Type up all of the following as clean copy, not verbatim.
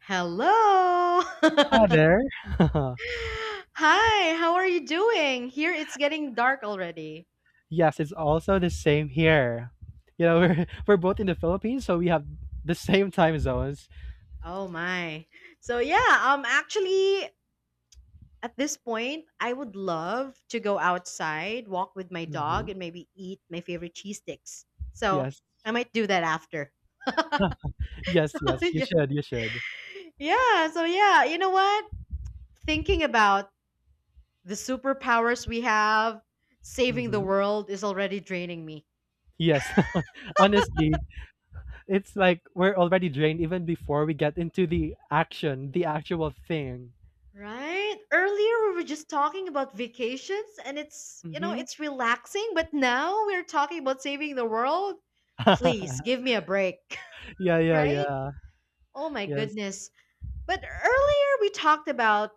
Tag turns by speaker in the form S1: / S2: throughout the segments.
S1: Hello.
S2: Other.
S1: Hi, how are you doing? Here it's getting dark already.
S2: Yes, it's also the same here. You know, we're we're both in the Philippines, so we have the same time zones.
S1: Oh my. So yeah, actually at this point I would love to go outside, walk with my dog
S2: hmm
S1: and maybe eat my favorite cheese sticks. So
S2: Yes,
S1: I might do that after. So
S2: yes, yes. You
S1: yeah.
S2: should, you should.
S1: Yeah, so yeah, you know what? Thinking about the superpowers we have, saving the
S2: hmm
S1: world is already draining me.
S2: Yes, honestly, it's like we're already drained even before we get into the action, the actual thing.
S1: Right? Earlier we were just talking about vacations and it's, you know,
S2: hmm
S1: it's relaxing, but now we're talking about saving the world. Please give me a break.
S2: yeah, yeah,
S1: Right?
S2: yeah.
S1: Oh my
S2: Yes.
S1: goodness. But earlier we talked about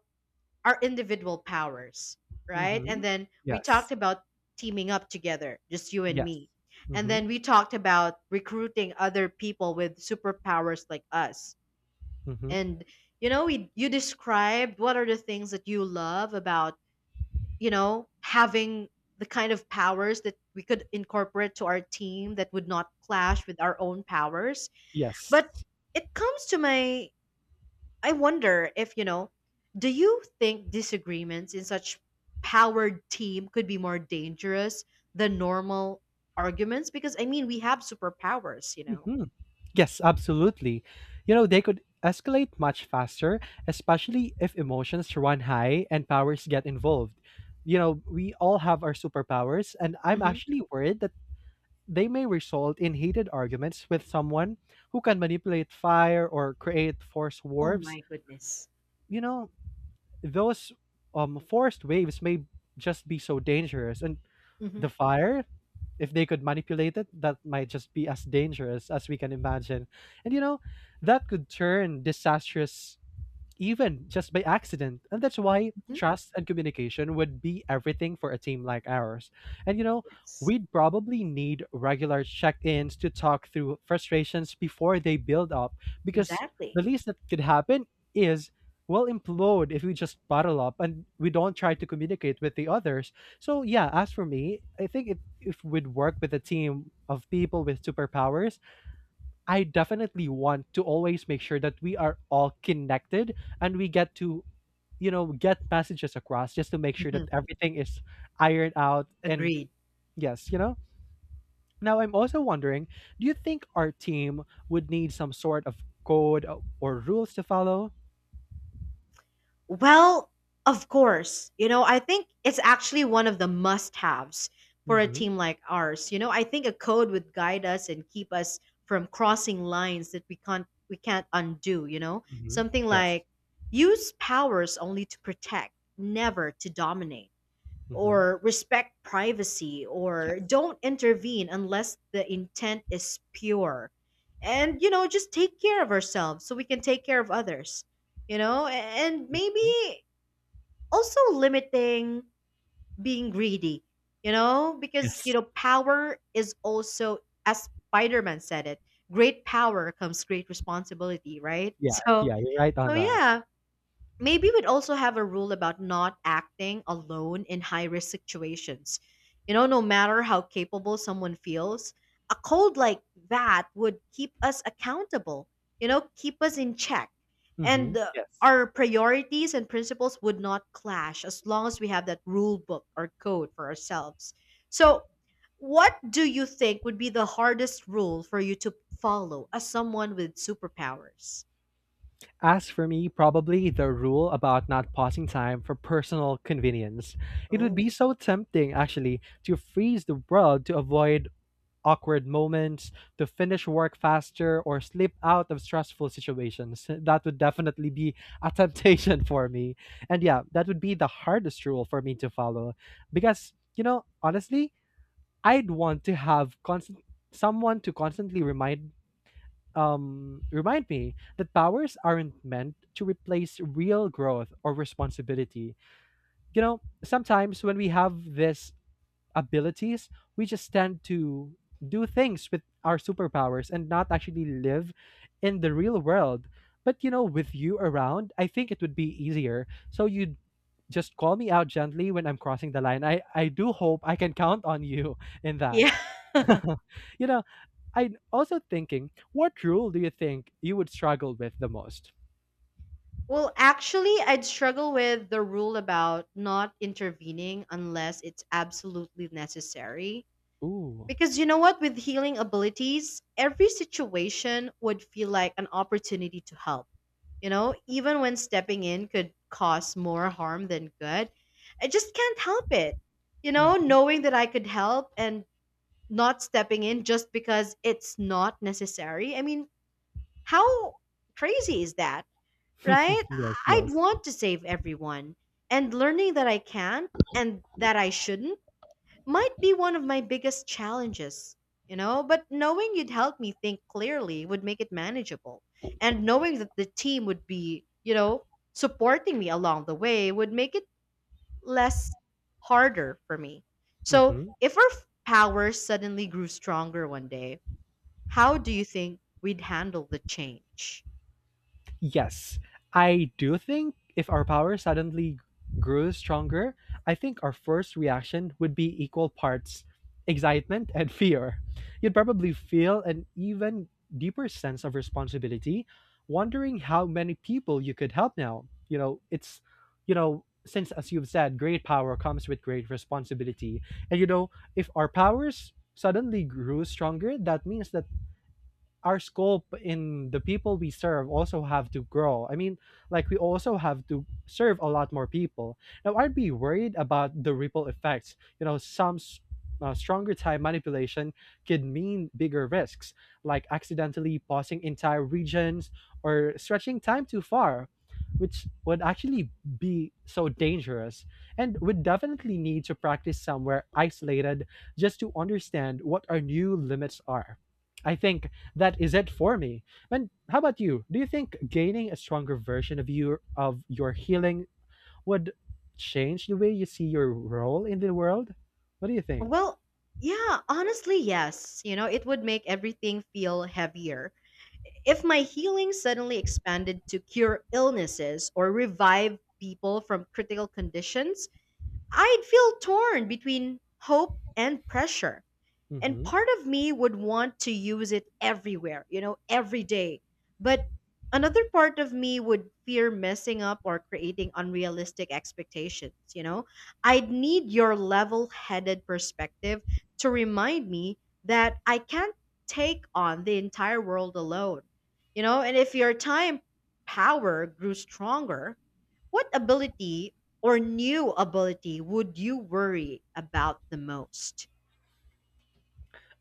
S1: our individual powers, right?
S2: hmm
S1: And then we
S2: Yes.
S1: talked about teaming up together, just you and
S2: Yes.
S1: me. And
S2: hmm
S1: then we talked about recruiting other people with superpowers like us.
S2: hmm
S1: And you know, we you described what are the things that you love about, having the kind of powers that we could incorporate to our team that would not clash with our own powers.
S2: Yes.
S1: But it comes to my, I wonder if, do you think disagreements in such powered team could be more dangerous than normal arguments? Because, I mean, we have superpowers, you know.
S2: Yes, absolutely. You know, they could escalate much faster, especially if emotions run high and powers get involved. You know, we all have our superpowers, and I'm
S1: Hmm.
S2: actually worried that they may result in heated arguments with someone who can manipulate fire or create force
S1: Oh
S2: waves.
S1: my goodness.
S2: You know, those forced waves may just be so dangerous. And
S1: Hmm.
S2: the fire, if they could manipulate it, that might just be as dangerous as we can imagine, and you know, that could turn disastrous even just by accident. And that's why
S1: Hmm.
S2: trust and communication would be everything for a team like ours. And you know,
S1: Yes,
S2: we'd probably need regular check ins to talk through frustrations before they build up, because
S1: exactly.
S2: the least that could happen is we'll implode if we just bottle up and we don't try to communicate with the others. So yeah, as for me, I think it if we'd work with a team of people with superpowers, I definitely want to always make sure that we are all connected and we get to, you know, get messages across just to make sure
S1: Hmm.
S2: that everything is ironed out. And
S1: Agreed.
S2: yes, you know, now I'm also wondering, do you think our team would need some sort of code or rules to follow?
S1: Well, of course. You know, I think it's actually one of the must haves for a
S2: Mm-hmm.
S1: team like ours. You know, I think a code would guide us and keep us from crossing lines that we can't undo, you know?
S2: Mm-hmm.
S1: Something
S2: Yes.
S1: like use powers only to protect, never to dominate,
S2: Mm-hmm.
S1: or respect privacy, or
S2: Yes.
S1: don't intervene unless the intent is pure, and just take care of ourselves so we can take care of others. And
S2: Mm-hmm.
S1: maybe also limiting being greedy, because
S2: Yes.
S1: power is also, as Spider-Man said it, great power comes great responsibility, right?
S2: Yeah.
S1: so
S2: Yeah. You're right
S1: so
S2: on that.
S1: yeah, maybe we'd also have a rule about not acting alone in high risk situations. You know, no matter how capable someone feels, a code like that would keep us accountable, you know, keep us in check.
S2: Mm-hmm.
S1: And
S2: Yes.
S1: our priorities and principles would not clash as long as we have that rule book or code for ourselves. So, what do you think would be the hardest rule for you to follow as someone with superpowers?
S2: As for me, probably the rule about not pausing time for personal convenience. It would
S1: Oh.
S2: be so tempting, actually, to freeze the world to avoid awkward moments, to finish work faster, or slip out of stressful situations. That would definitely be a temptation for me. And yeah, that would be the hardest rule for me to follow. Because, you know, honestly, I'd want to have constant someone to constantly remind remind me that powers aren't meant to replace real growth or responsibility. You know, sometimes when we have these abilities, we just tend to do things with our superpowers and not actually live in the real world. But you know, with you around, I think it would be easier. So you just call me out gently when I'm crossing the line. I do hope I can count on you in that.
S1: Yeah.
S2: You know, I'm also thinking, what rule do you think you would struggle with the most?
S1: Well, actually, I'd struggle with the rule about not intervening unless it's absolutely necessary.
S2: Ooh.
S1: Because you know what? With healing abilities, every situation would feel like an opportunity to help. You know, even when stepping in could cause more harm than good, I just can't help it. You know,
S2: hmm
S1: knowing that I could help and not stepping in just because it's not necessary. I mean, how crazy is that? Right?
S2: Yes,
S1: I'd
S2: yes.
S1: want to save everyone. And learning that I can't and that I shouldn't might be one of my biggest challenges, you know? But knowing you'd help me think clearly would make it manageable. And knowing that the team would be, you know, supporting me along the way would make it less harder for me. So
S2: hmm
S1: if our powers suddenly grew stronger one day, how do you think we'd handle the change?
S2: Yes, I do think if our power suddenly grew stronger, I think our first reaction would be equal parts excitement and fear. You'd probably feel an even deeper sense of responsibility, wondering how many people you could help now. You know, it's, you know, since as you've said, great power comes with great responsibility. And you know, if our powers suddenly grew stronger, that means that our scope in the people we serve also have to grow. I mean, like, we also have to serve a lot more people. Now, I'd be worried about the ripple effects. You know, stronger time manipulation could mean bigger risks, like accidentally pausing entire regions or stretching time too far, which would actually be so dangerous, and would definitely need to practice somewhere isolated just to understand what our new limits are. I think that is it for me. And how about you? Do you think gaining a stronger version of your healing would change the way you see your role in the world? What do you think?
S1: Well, yeah, honestly, yes. You know, it would make everything feel heavier. If my healing suddenly expanded to cure illnesses or revive people from critical conditions, I'd feel torn between hope and pressure, and
S2: hmm
S1: part of me would want to use it everywhere, every day. But another part of me would fear messing up or creating unrealistic expectations. I'd need your level-headed perspective to remind me that I can't take on the entire world alone. And if your time power grew stronger, what ability or new ability would you worry about the most?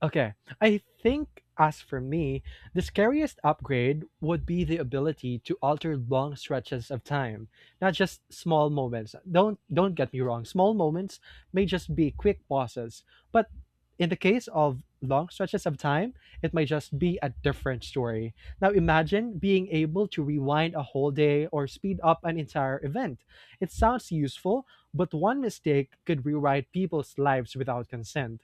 S2: Okay. I think, as for me, the scariest upgrade would be the ability to alter long stretches of time, not just small moments. Don't get me wrong, small moments may just be quick pauses, but in the case of long stretches of time, it might just be a different story. Now imagine being able to rewind a whole day or speed up an entire event. It sounds useful, but one mistake could rewrite people's lives without consent,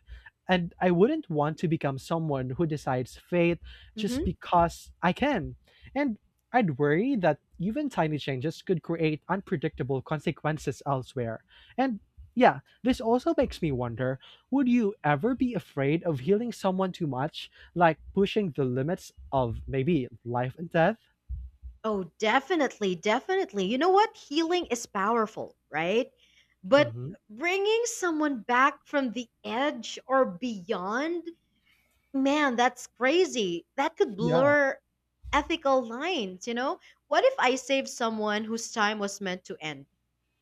S2: and I wouldn't want to become someone who decides fate just
S1: Hmm.
S2: because I can. And I'd worry that even tiny changes could create unpredictable consequences elsewhere. And yeah, this also makes me wonder, would you ever be afraid of healing someone too much, like pushing the limits of maybe life and death?
S1: Oh, definitely, definitely. You know what? Healing is powerful, right? But
S2: hmm
S1: bringing someone back from the edge or beyond, man, that's crazy. That could
S2: Yeah.
S1: blur ethical lines, you know? What if I save someone whose time was meant to end?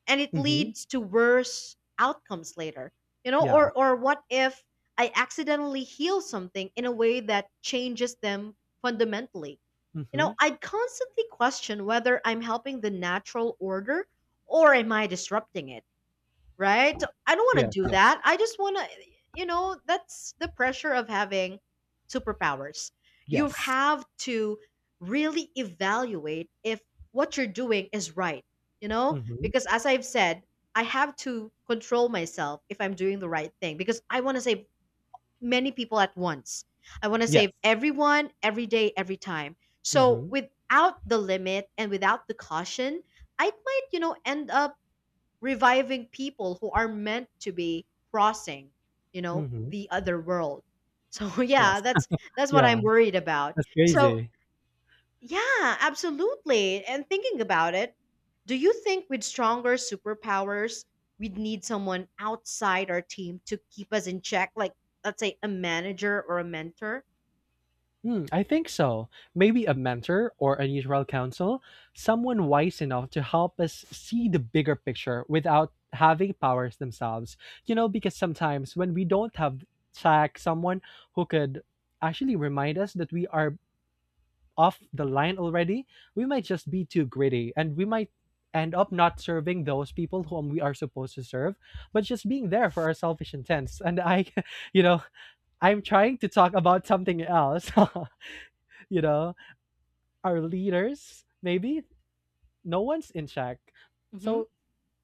S1: And it
S2: hmm
S1: leads to worse outcomes later.
S2: Yeah.
S1: Or what if I accidentally heal something in a way that changes them fundamentally?
S2: hmm
S1: I'd constantly question whether I'm helping the natural order, or am I disrupting it. Right? I don't want
S2: Yeah.
S1: to do
S2: Yeah.
S1: that. I just want to, you know, That's the pressure of having superpowers. You
S2: Yes.
S1: have to really evaluate if what you're doing is right, you know?
S2: hmm
S1: Because as I've said, I have to control myself if I'm doing the right thing because I want to save many people at once. I want to save
S2: Yes.
S1: everyone, every day, every time. So
S2: hmm
S1: without the limit and without the caution, I might end up reviving people who are meant to be crossing
S2: hmm
S1: the other world. So yeah,
S2: Yes.
S1: that's that's what
S2: Yeah.
S1: I'm worried about.
S2: That's
S1: So
S2: crazy.
S1: yeah, absolutely. And thinking about it, do you think with stronger superpowers, we'd need someone outside our team to keep us in check, like let's say a manager or a mentor?
S2: Hmm, I think so. Maybe a mentor or a neutral counsel, someone wise enough to help us see the bigger picture without having powers themselves. You know, because sometimes when we don't have tech, someone who could actually remind us that we are off the line already, we might just be too gritty, and we might end up not serving those people whom we are supposed to serve, but just being there for our selfish intents. And I, you know, I'm trying to talk about something else, you know, our leaders maybe, no one's in check,
S1: Hmm.
S2: so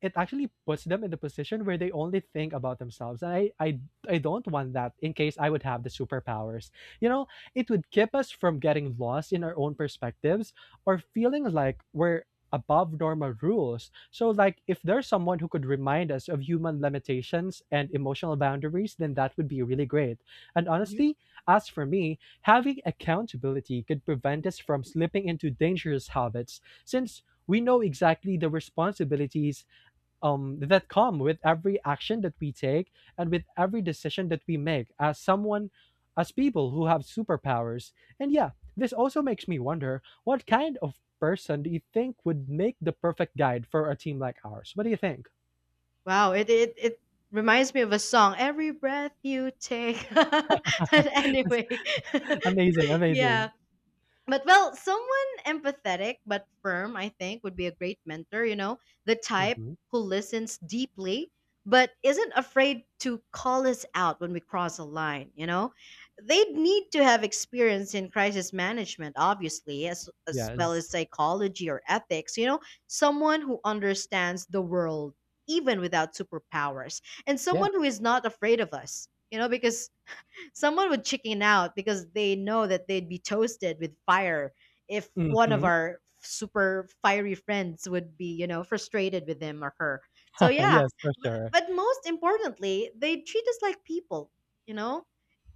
S2: it actually puts them in the position where they only think about themselves, and I I don't want that in case I would have the superpowers. You know, it would keep us from getting lost in our own perspectives or feeling like we're above normal rules. So like, if there's someone who could remind us of human limitations and emotional boundaries, then that would be really great. And
S1: Hmm.
S2: honestly, as for me, having accountability could prevent us from slipping into dangerous habits, since we know exactly the responsibilities that come with every action that we take and with every decision that we make as someone, as people who have superpowers. And yeah, this also makes me wonder, what kind of person do you think would make the perfect guide for a team like ours? What do you think?
S1: Wow, it reminds me of a song, "Every Breath You Take." But
S2: That's
S1: anyway,
S2: amazing,
S1: yeah.
S2: amazing.
S1: But well, someone empathetic but firm, I think, would be a great mentor, you know, the type
S2: hmm
S1: who listens deeply but isn't afraid to call us out when we cross a line, you know? They'd need to have experience in crisis management, obviously, as well
S2: yes.
S1: as psychology or ethics, you know, someone who understands the world even without superpowers, and
S2: Yeah.
S1: someone who is not afraid of us, you know, because someone would chicken out because they know that they'd be toasted with fire if one of
S2: hmm
S1: our super fiery friends would be, you know, frustrated with him or her. So yeah,
S2: yes, for
S1: b-
S2: sure.
S1: but most importantly, they treat us like people, you know,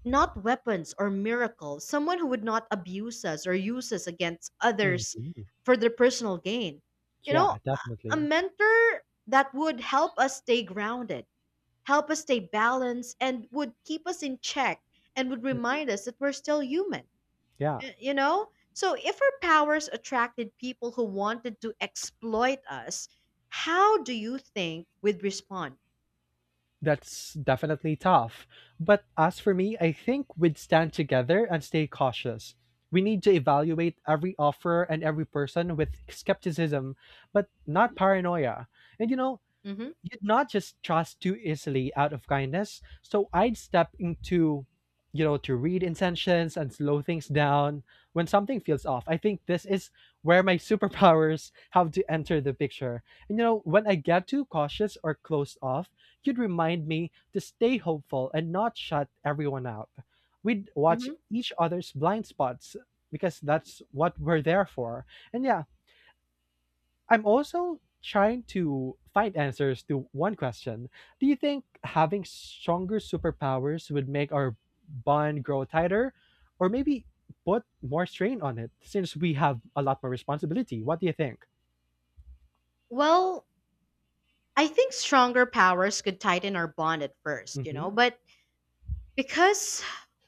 S1: not weapons or miracles. Someone who would not abuse us or use us against others
S2: hmm
S1: for their personal gain. You know,
S2: yeah,
S1: a
S2: definitely.
S1: mentor that would help us stay grounded, help us stay balanced, and would keep us in check and would
S2: Mm,
S1: remind us that we're still human.
S2: yeah.
S1: You know? So if our powers attracted people who wanted to exploit us, how do you think we'd respond?
S2: That's definitely tough. But as for me, I think we'd stand together and stay cautious. We need to evaluate every offer and every person with skepticism, but not paranoia. And you know,
S1: Hmm.
S2: you'd not just trust too easily out of kindness. So I'd step into, you know, to read intentions and slow things down when something feels off. I think this is where my superpowers have to enter the picture. And, you know, when I get too cautious or closed off, you'd remind me to stay hopeful and not shut everyone out. We'd watch
S1: Hmm.
S2: each other's blind spots because that's what we're there for. And yeah, I'm also trying to find answers to one question. Do you think having stronger superpowers would make our bond grow tighter, or maybe put more strain on it since we have a lot more responsibility? What do you think?
S1: Well, I think stronger powers could tighten our bond at first, you know,
S2: Mhm.
S1: but because,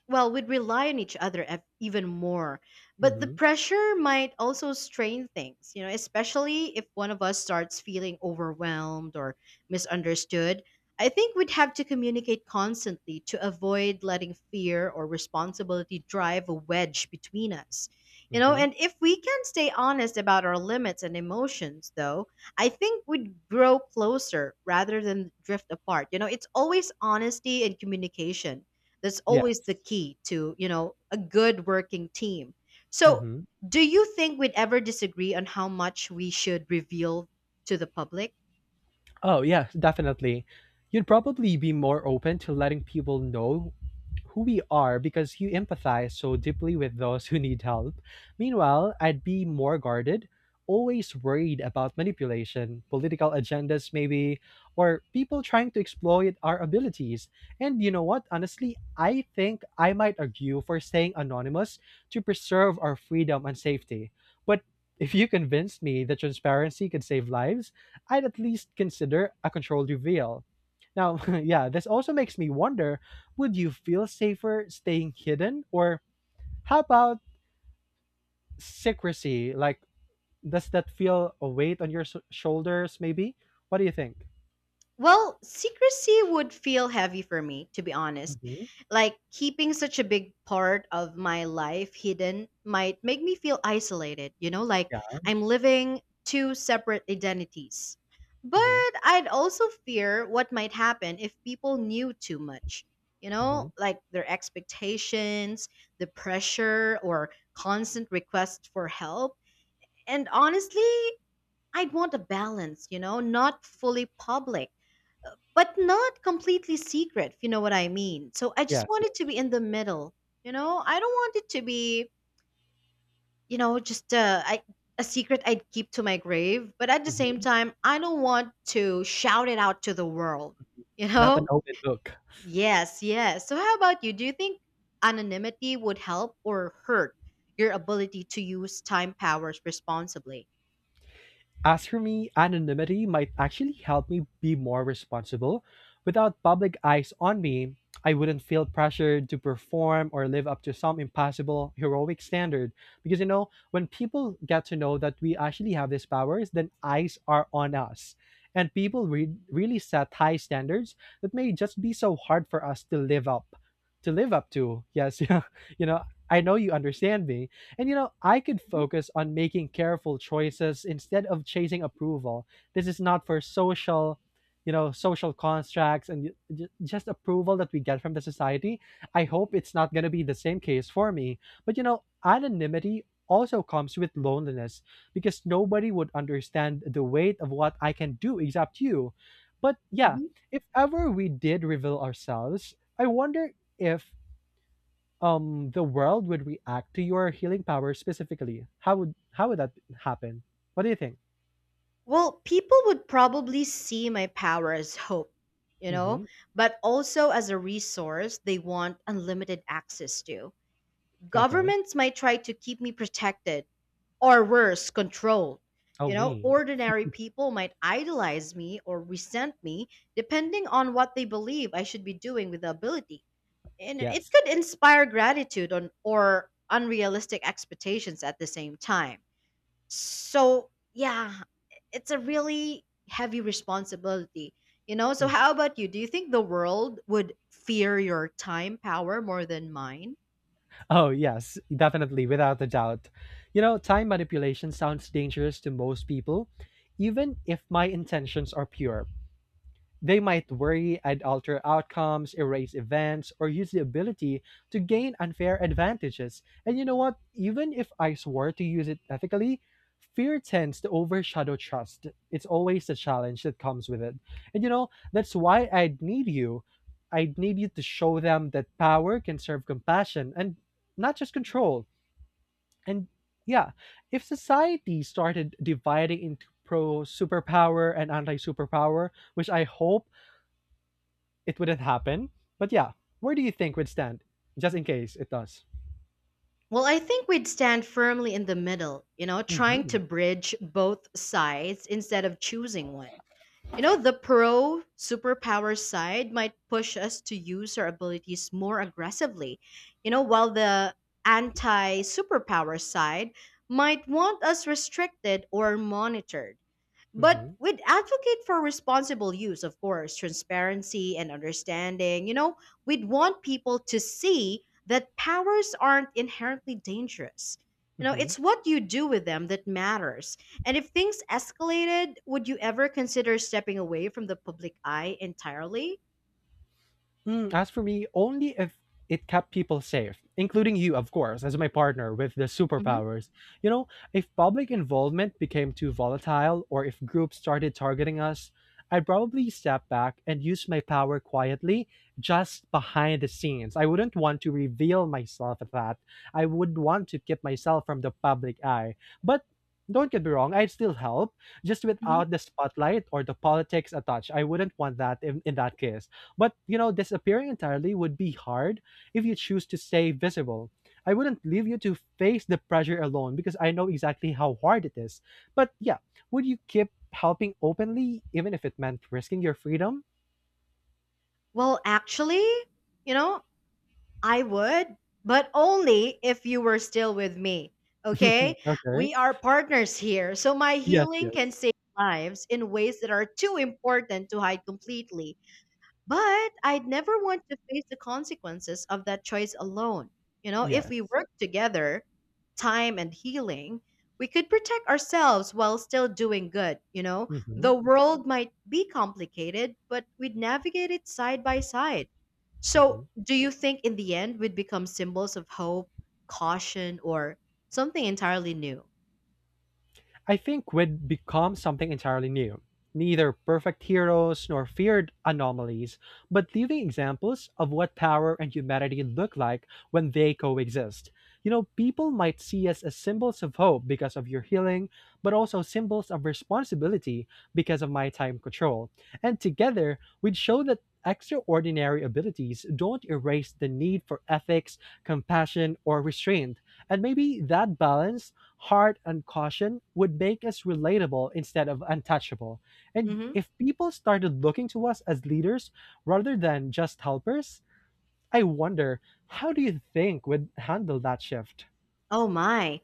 S1: well, we'd rely on each other even more. But the
S2: Mhm.
S1: pressure might also strain things, you know, especially if one of us starts feeling overwhelmed or misunderstood. I think we'd have to communicate constantly to avoid letting fear or responsibility drive a wedge between us. You know,
S2: Mhm.
S1: and if we can stay honest about our limits and emotions, though, I think we'd grow closer rather than drift apart. You know, it's always honesty and communication that's always the
S2: Yes.
S1: key to, you know, a good working team. So,
S2: Mhm.
S1: do you think we'd ever disagree on how much we should reveal to the public?
S2: Oh, yes, definitely. You'd probably be more open to letting people know who we are because you empathize so deeply with those who need help. Meanwhile, I'd be more guarded, always worried about manipulation, political agendas, maybe, or people trying to exploit our abilities. And you know what? Honestly, I think I might argue for staying anonymous to preserve our freedom and safety. But if you convinced me that transparency could save lives, I'd at least consider a controlled reveal. Now, yeah, this also makes me wonder, would you feel safer staying hidden? Or how about secrecy? Like, does that feel a weight on your shoulders, maybe? What do you think?
S1: Well, secrecy would feel heavy for me, to be honest.
S2: hmm
S1: Like keeping such a big part of my life hidden might make me feel isolated, you know, like
S2: Yeah.
S1: I'm living two separate identities.
S2: hmm
S1: But I'd also fear what might happen if people knew too much, you
S2: hmm
S1: know, like their expectations, the pressure, or constant requests for help. And honestly, I'd want a balance, you know, not fully public but not completely secret, if you know what I mean. So I just
S2: Yes,
S1: want it
S2: yes.
S1: to be in the middle. You know, I don't want it to be, you know, just uh, I, a secret I'd keep to my grave. But at the same
S2: hmm
S1: time, I don't want to shout it out to the world. You
S2: Not an
S1: know?
S2: open book.
S1: Yes, yes. So how about you? Do you think anonymity would help or hurt your ability to use time powers responsibly?
S2: As for me, anonymity might actually help me be more responsible. Without public eyes on me, I wouldn't feel pressured to perform or live up to some impossible heroic standard. Because you know, when people get to know that we actually have these powers, then eyes are on us. And people really set high standards that may just be so hard for us to live up to live up to. Yes, yeah. You know, I know you understand me, and you know, I could
S1: Mhm,
S2: focus on making careful choices instead of chasing approval. This is not for social, you know, social contracts and just approval that we get from the society. I hope it's not going to be the same case for me. But you know, anonymity also comes with loneliness, because nobody would understand the weight of what I can do except you. But yeah,
S1: mhm.
S2: if ever we did reveal ourselves, I wonder if the world would react to your healing power specifically. How would how would that happen? What do you think?
S1: Well, people would probably see my power as hope, you know,
S2: Mm-hmm.
S1: but also as a resource they want unlimited access to.
S2: Okay.
S1: Governments might try to keep me protected, or worse, controlled.
S2: Oh
S1: You know,
S2: me.
S1: ordinary people might idolize me or resent me depending on what they believe I should be doing with the ability. And it
S2: Yes.
S1: could inspire gratitude on, or unrealistic expectations at the same time. So yeah, it's a really heavy responsibility, you know? So
S2: Mm.
S1: how about you? Do you think the world would fear your time power more than mine?
S2: Oh yes, definitely, without a doubt. You know, time manipulation sounds dangerous to most people even if my intentions are pure. They might worry and alter outcomes, erase events, or use the ability to gain unfair advantages. And you know what? Even if I swore to use it ethically, fear tends to overshadow trust. It's always the challenge that comes with it. And you know, that's why I'd need you. I'd need you to show them that power can serve compassion and not just control. And yeah, if society started dividing into pro superpower and anti superpower, which I hope it wouldn't happen. But yeah, where do you think would stand just in case it does?
S1: Well, I think we'd stand firmly in the middle, you know, trying to
S2: Hmm,
S1: bridge both sides instead of choosing one. You know, the pro superpower side might push us to use our abilities more aggressively, you know, while the anti superpower side might want us restricted or monitored.
S2: hmm,
S1: But we'd advocate for responsible use, of course, transparency and understanding. You know, we'd want people to see that powers aren't inherently dangerous. You know,
S2: hmm.
S1: it's what you do with them that matters, and if things escalated, would you ever consider stepping away from the public eye entirely?
S2: Mm, as for me, only if it kept people safe, including you, of course, as my partner with the
S1: hmm
S2: superpowers. You know, if public involvement became too volatile or if groups started targeting us, I'd probably step back and use my power quietly, just behind the scenes. I wouldn't want to reveal myself at that. I would want to keep myself from the public eye. But don't get me wrong, I'd still help, just
S1: hmm
S2: without the spotlight or the politics attached. I wouldn't want that in that case. But, you know, disappearing entirely would be hard if you choose to stay visible. I wouldn't leave you to face the pressure alone because I know exactly how hard it is. But yeah, would you keep helping openly even if it meant risking your freedom?
S1: Well, actually, you know, I would, but only if you were still with me. Okay?
S2: Okay.
S1: We are partners here, so my
S2: Yes,
S1: healing can
S2: yes.
S1: save lives in ways that are too important to hide completely. But I'd never want to face the consequences of that choice alone. You know, if
S2: Yes.
S1: we work together, time and healing, we could protect ourselves while still doing good. You know, the
S2: Mhm.
S1: world might be complicated, but we'd navigate it side by side. So,
S2: Mhm.
S1: do you think in the end we'd become symbols of hope, caution, or something entirely new?
S2: I think would become something entirely new. Neither perfect heroes nor feared anomalies, but living examples of what power and humanity look like when they coexist. You know, people might see us as symbols of hope because of your healing, but also symbols of responsibility because of my time control. And together, we'd show that extraordinary abilities don't erase the need for ethics, compassion, or restraint. And maybe that balance, heart and caution, would make us relatable instead of untouchable. And
S1: hmm
S2: if people started looking to us as leaders rather than just helpers, I wonder, how do you think would handle that shift?
S1: Oh my.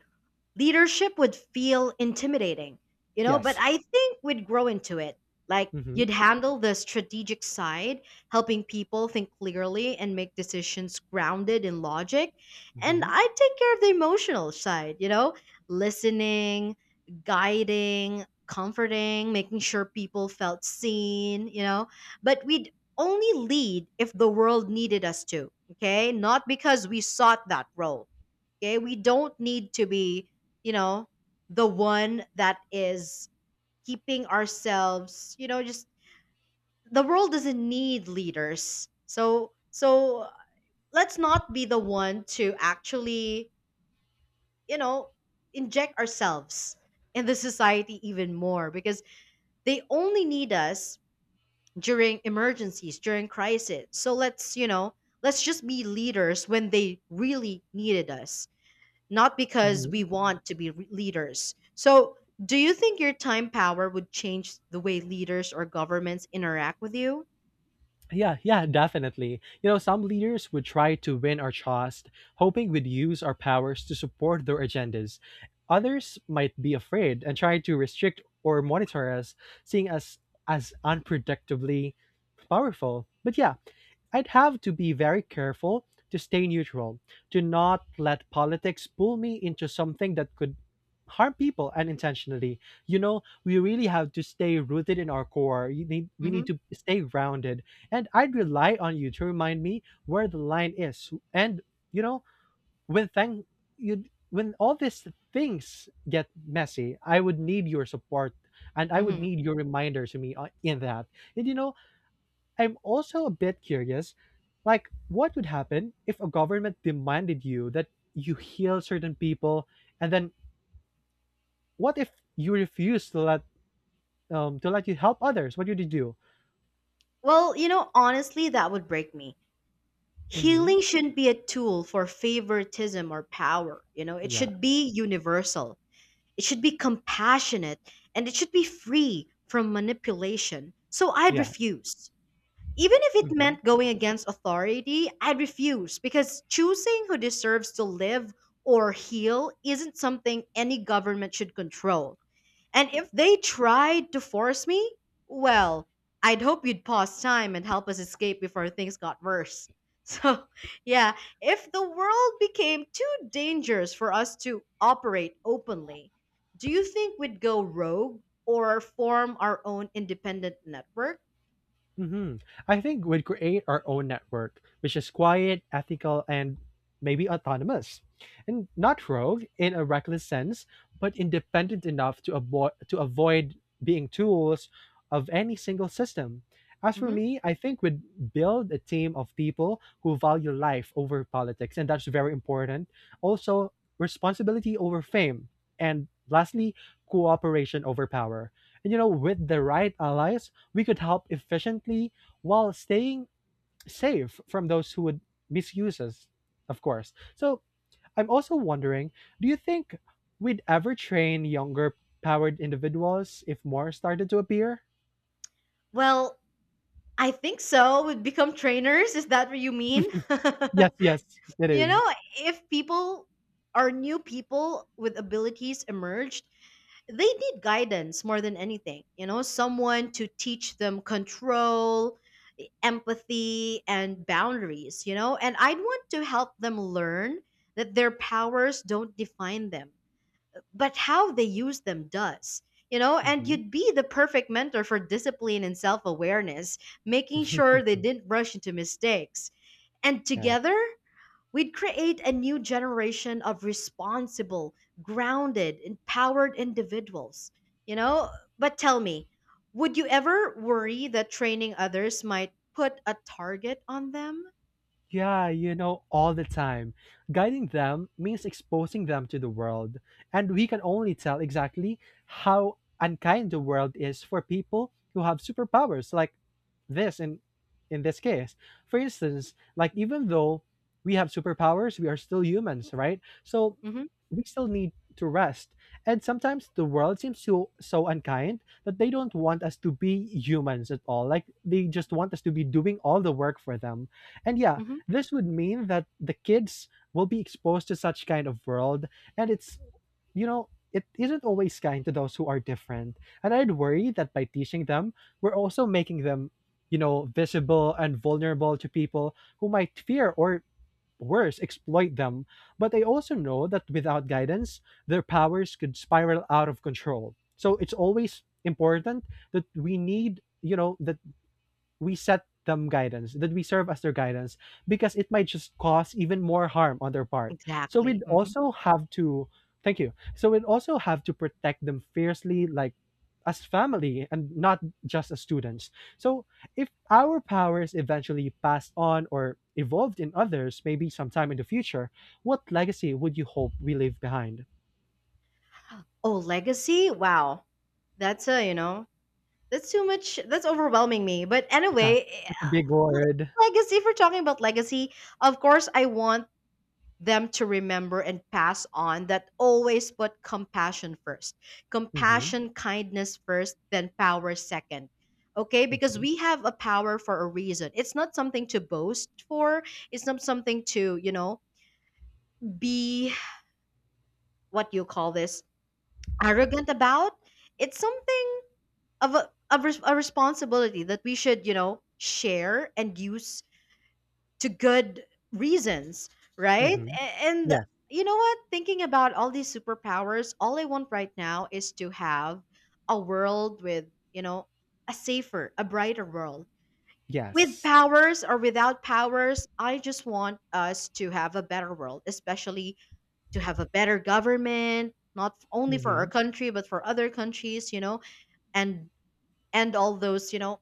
S1: Leadership would feel intimidating, you know, but
S2: Yes.
S1: I think we'd grow into it. Like
S2: Hmm,
S1: you'd handle the strategic side, helping people think clearly and make decisions grounded in logic. And I'd take care of the emotional side, you know, listening, guiding, comforting, making sure people felt seen, you know, but we'd only lead if the world needed us to, okay? Not because we sought that role. Okay. We don't need to be, you know, the one that is keeping ourselves, you know, just the world doesn't need leaders. So, let's not be the one to actually, you know, inject ourselves in the society even more because they only need us during emergencies, during crisis. So let's, you know, let's just be leaders when they really needed us. Not because we
S2: hmm.
S1: want to be leaders. So, do you think your time power would change the way leaders or governments interact with you?
S2: Yeah, yeah, definitely. You know, some leaders would try to win our trust, hoping we'd use our powers to support their agendas. Others might be afraid and try to restrict or monitor us, seeing us as unpredictably powerful. But yeah, I'd have to be very careful to stay neutral, to not let politics pull me into something that could harm people unintentionally. You know, we really have to stay rooted in our core. You need, we
S1: hmm
S2: need to stay grounded. And I'd rely on you to remind me where the line is. And, you know, when thank you when all these things get messy, I would need your support and I would
S1: hmm
S2: need your reminder to me in that. And you know, I'm also a bit curious, like what would happen if a government demanded you that you heal certain people, and then what if you refuse to let you help others? What would you do?
S1: Well, you know, honestly, that would break me.
S2: Mm-hmm.
S1: Healing shouldn't be a tool for favoritism or power. You know, it
S2: Yeah,
S1: should be universal, it should be compassionate, and it should be free from manipulation. So, I'd
S2: yeah.
S1: refuse. Even if it
S2: Hmm,
S1: meant going against authority, I'd refuse because choosing who deserves to live or heal isn't something any government should control. And if they tried to force me, well, I'd hope you'd pause time and help us escape before things got worse. So, yeah, if the world became too dangerous for us to operate openly, do you think we'd go rogue or form our own independent network?
S2: hmm. I think we'd create our own network, which is quiet, ethical, and maybe autonomous, and not rogue in a reckless sense, but independent enough to avoid being tools of any single system. As for
S1: hmm
S2: me, I think we'd build a team of people who value life over politics, and that's very important. Also, responsibility over fame, and lastly, cooperation over power. And you know, with the right allies we could help efficiently while staying safe from those who would misuse us, of course. So I'm also wondering, do you think we'd ever train younger powered individuals if more started to appear?
S1: well, I think so. Would become trainers. Is that what you mean?
S2: Yes, yes, it
S1: You
S2: is.
S1: know, if people are new people with abilities emerged, they need guidance more than anything. You know, someone to teach them control, empathy, and boundaries, you know, and I'd want to help them learn that their powers don't define them but how they use them does. You know, and
S2: Mhm.
S1: you'd be the perfect mentor for discipline and self awareness, making sure they didn't rush into mistakes. And
S2: Yeah.
S1: together, we'd create a new generation of responsible, grounded, empowered individuals. You know, but tell me, would you ever worry that training others might put a target on them?
S2: Yeah, you know, all the time. Guiding them means exposing them to the world, and we can only tell exactly how unkind the world is for people who have superpowers like this in this case. For instance, like even though we have superpowers, we are still humans, right? So
S1: hmm
S2: we still need to rest. And sometimes the world seems so unkind that they don't want us to be humans at all. Like they just want us to be doing all the work for them. And yeah,
S1: hmm
S2: this would mean that the kids will be exposed to such kind of world and it's, you know, it isn't always kind to those who are different. And I'd worry that by teaching them, we're also making them, you know, visible and vulnerable to people who might fear or worse, exploit them. But I also know that without guidance, their powers could spiral out of control. So it's always important that we need, you know, that we set them guidance, that we serve as their guidance, because it might just cause even more harm on their part. So
S1: Exactly.
S2: we'd also have to, thank you. So we'd also have to protect them fiercely, like as family and not just as students. So if our powers eventually passed on or evolved in others, maybe sometime in the future, what legacy would you hope we leave behind?
S1: Oh, legacy? Wow. That's a, you know, That's too much. That's overwhelming me. But
S2: Yeah,
S1: anyway,
S2: that's a big word.
S1: legacy, if we're talking about legacy, of course, I want them to remember and pass on that always put compassion first.
S2: Mm-hmm.
S1: Compassion, kindness first, then power second. Okay, because
S2: Mm-hmm.
S1: we have a power for a reason. It's not something to boast for. It's not something to, you know, be what do you call this arrogant about. It's something of a, of res- a responsibility that we should, you know, share and use to good reasons, right?
S2: Mm-hmm.
S1: And
S2: Yes.
S1: you know what, thinking about all these superpowers, all I want right now is to have a world with, you know, a safer, a brighter world with
S2: Yes.
S1: powers or without powers. I just want us to have a better world, especially to have a better government, not only for our
S2: Mm-hmm.
S1: country but for other countries, you know, and and all those, you know,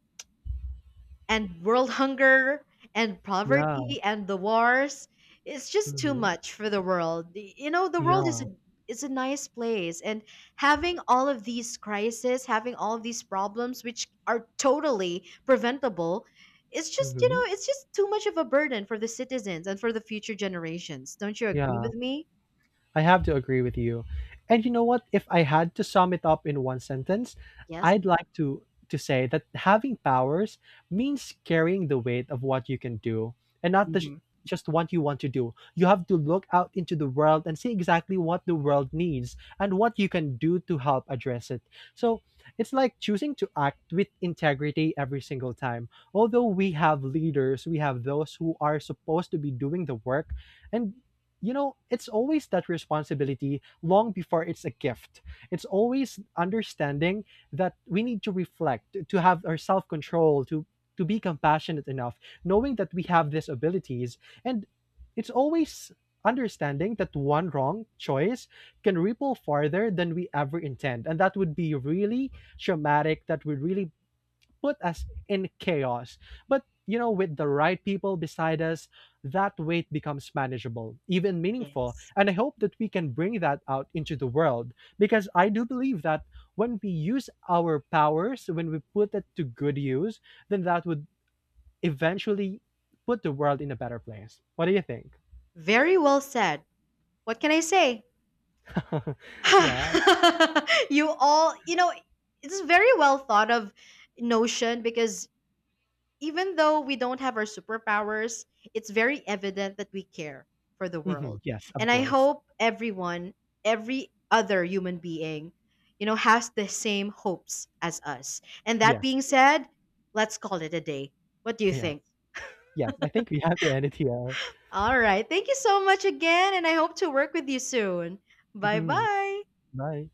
S1: and world hunger and
S2: Yeah.
S1: poverty and the wars. It's just too
S2: Mm-hmm.
S1: much for the world. You know, the world is
S2: Yeah.
S1: is a nice place, and having all of these crises, having all of these problems which are totally preventable, it's just, you
S2: Mhm.
S1: know, it's just too much of a burden for the citizens and for the future generations. Don't you agree
S2: Yeah.
S1: with me?
S2: I have to agree with you. And you know what? If I had to sum it up in one sentence,
S1: Yes.
S2: I'd like to say that having powers means carrying the weight of what you can do and not the,
S1: Mhm.
S2: just what you want to do. You have to look out into the world and see exactly what the world needs and what you can do to help address it. So, it's like choosing to act with integrity every single time. Although we have leaders, we have those who are supposed to be doing the work, and you know, it's always that responsibility long before it's a gift. It's always understanding that we need to reflect, to have our self control, to be compassionate enough, knowing that we have these abilities, and it's always understanding that one wrong choice can ripple farther than we ever intend, and that would be really traumatic. That would really put us in chaos. But you know, with the right people beside us, that weight becomes manageable, even meaningful.
S1: Yes.
S2: And I hope that we can bring that out into the world because I do believe that when we use our powers, when we put it to good use, then that would eventually put the world in a better place. What do you think?
S1: Very well said. What can I say?
S2: Yeah.
S1: You all, you know, it's a very well thought of notion because even though we don't have our superpowers, it's very evident that we care for the
S2: Hmm.
S1: world.
S2: Yes, of
S1: And I
S2: course.
S1: hope everyone, every other human being, you know, has the same hopes as us. And that
S2: Yes.
S1: being said, let's call it a day. What do you
S2: Yes.
S1: think?
S2: Yes. I think we have to end it here.
S1: All right. Thank you so much again. And I hope to work with you soon. Bye
S2: Hmm.
S1: bye.
S2: Bye.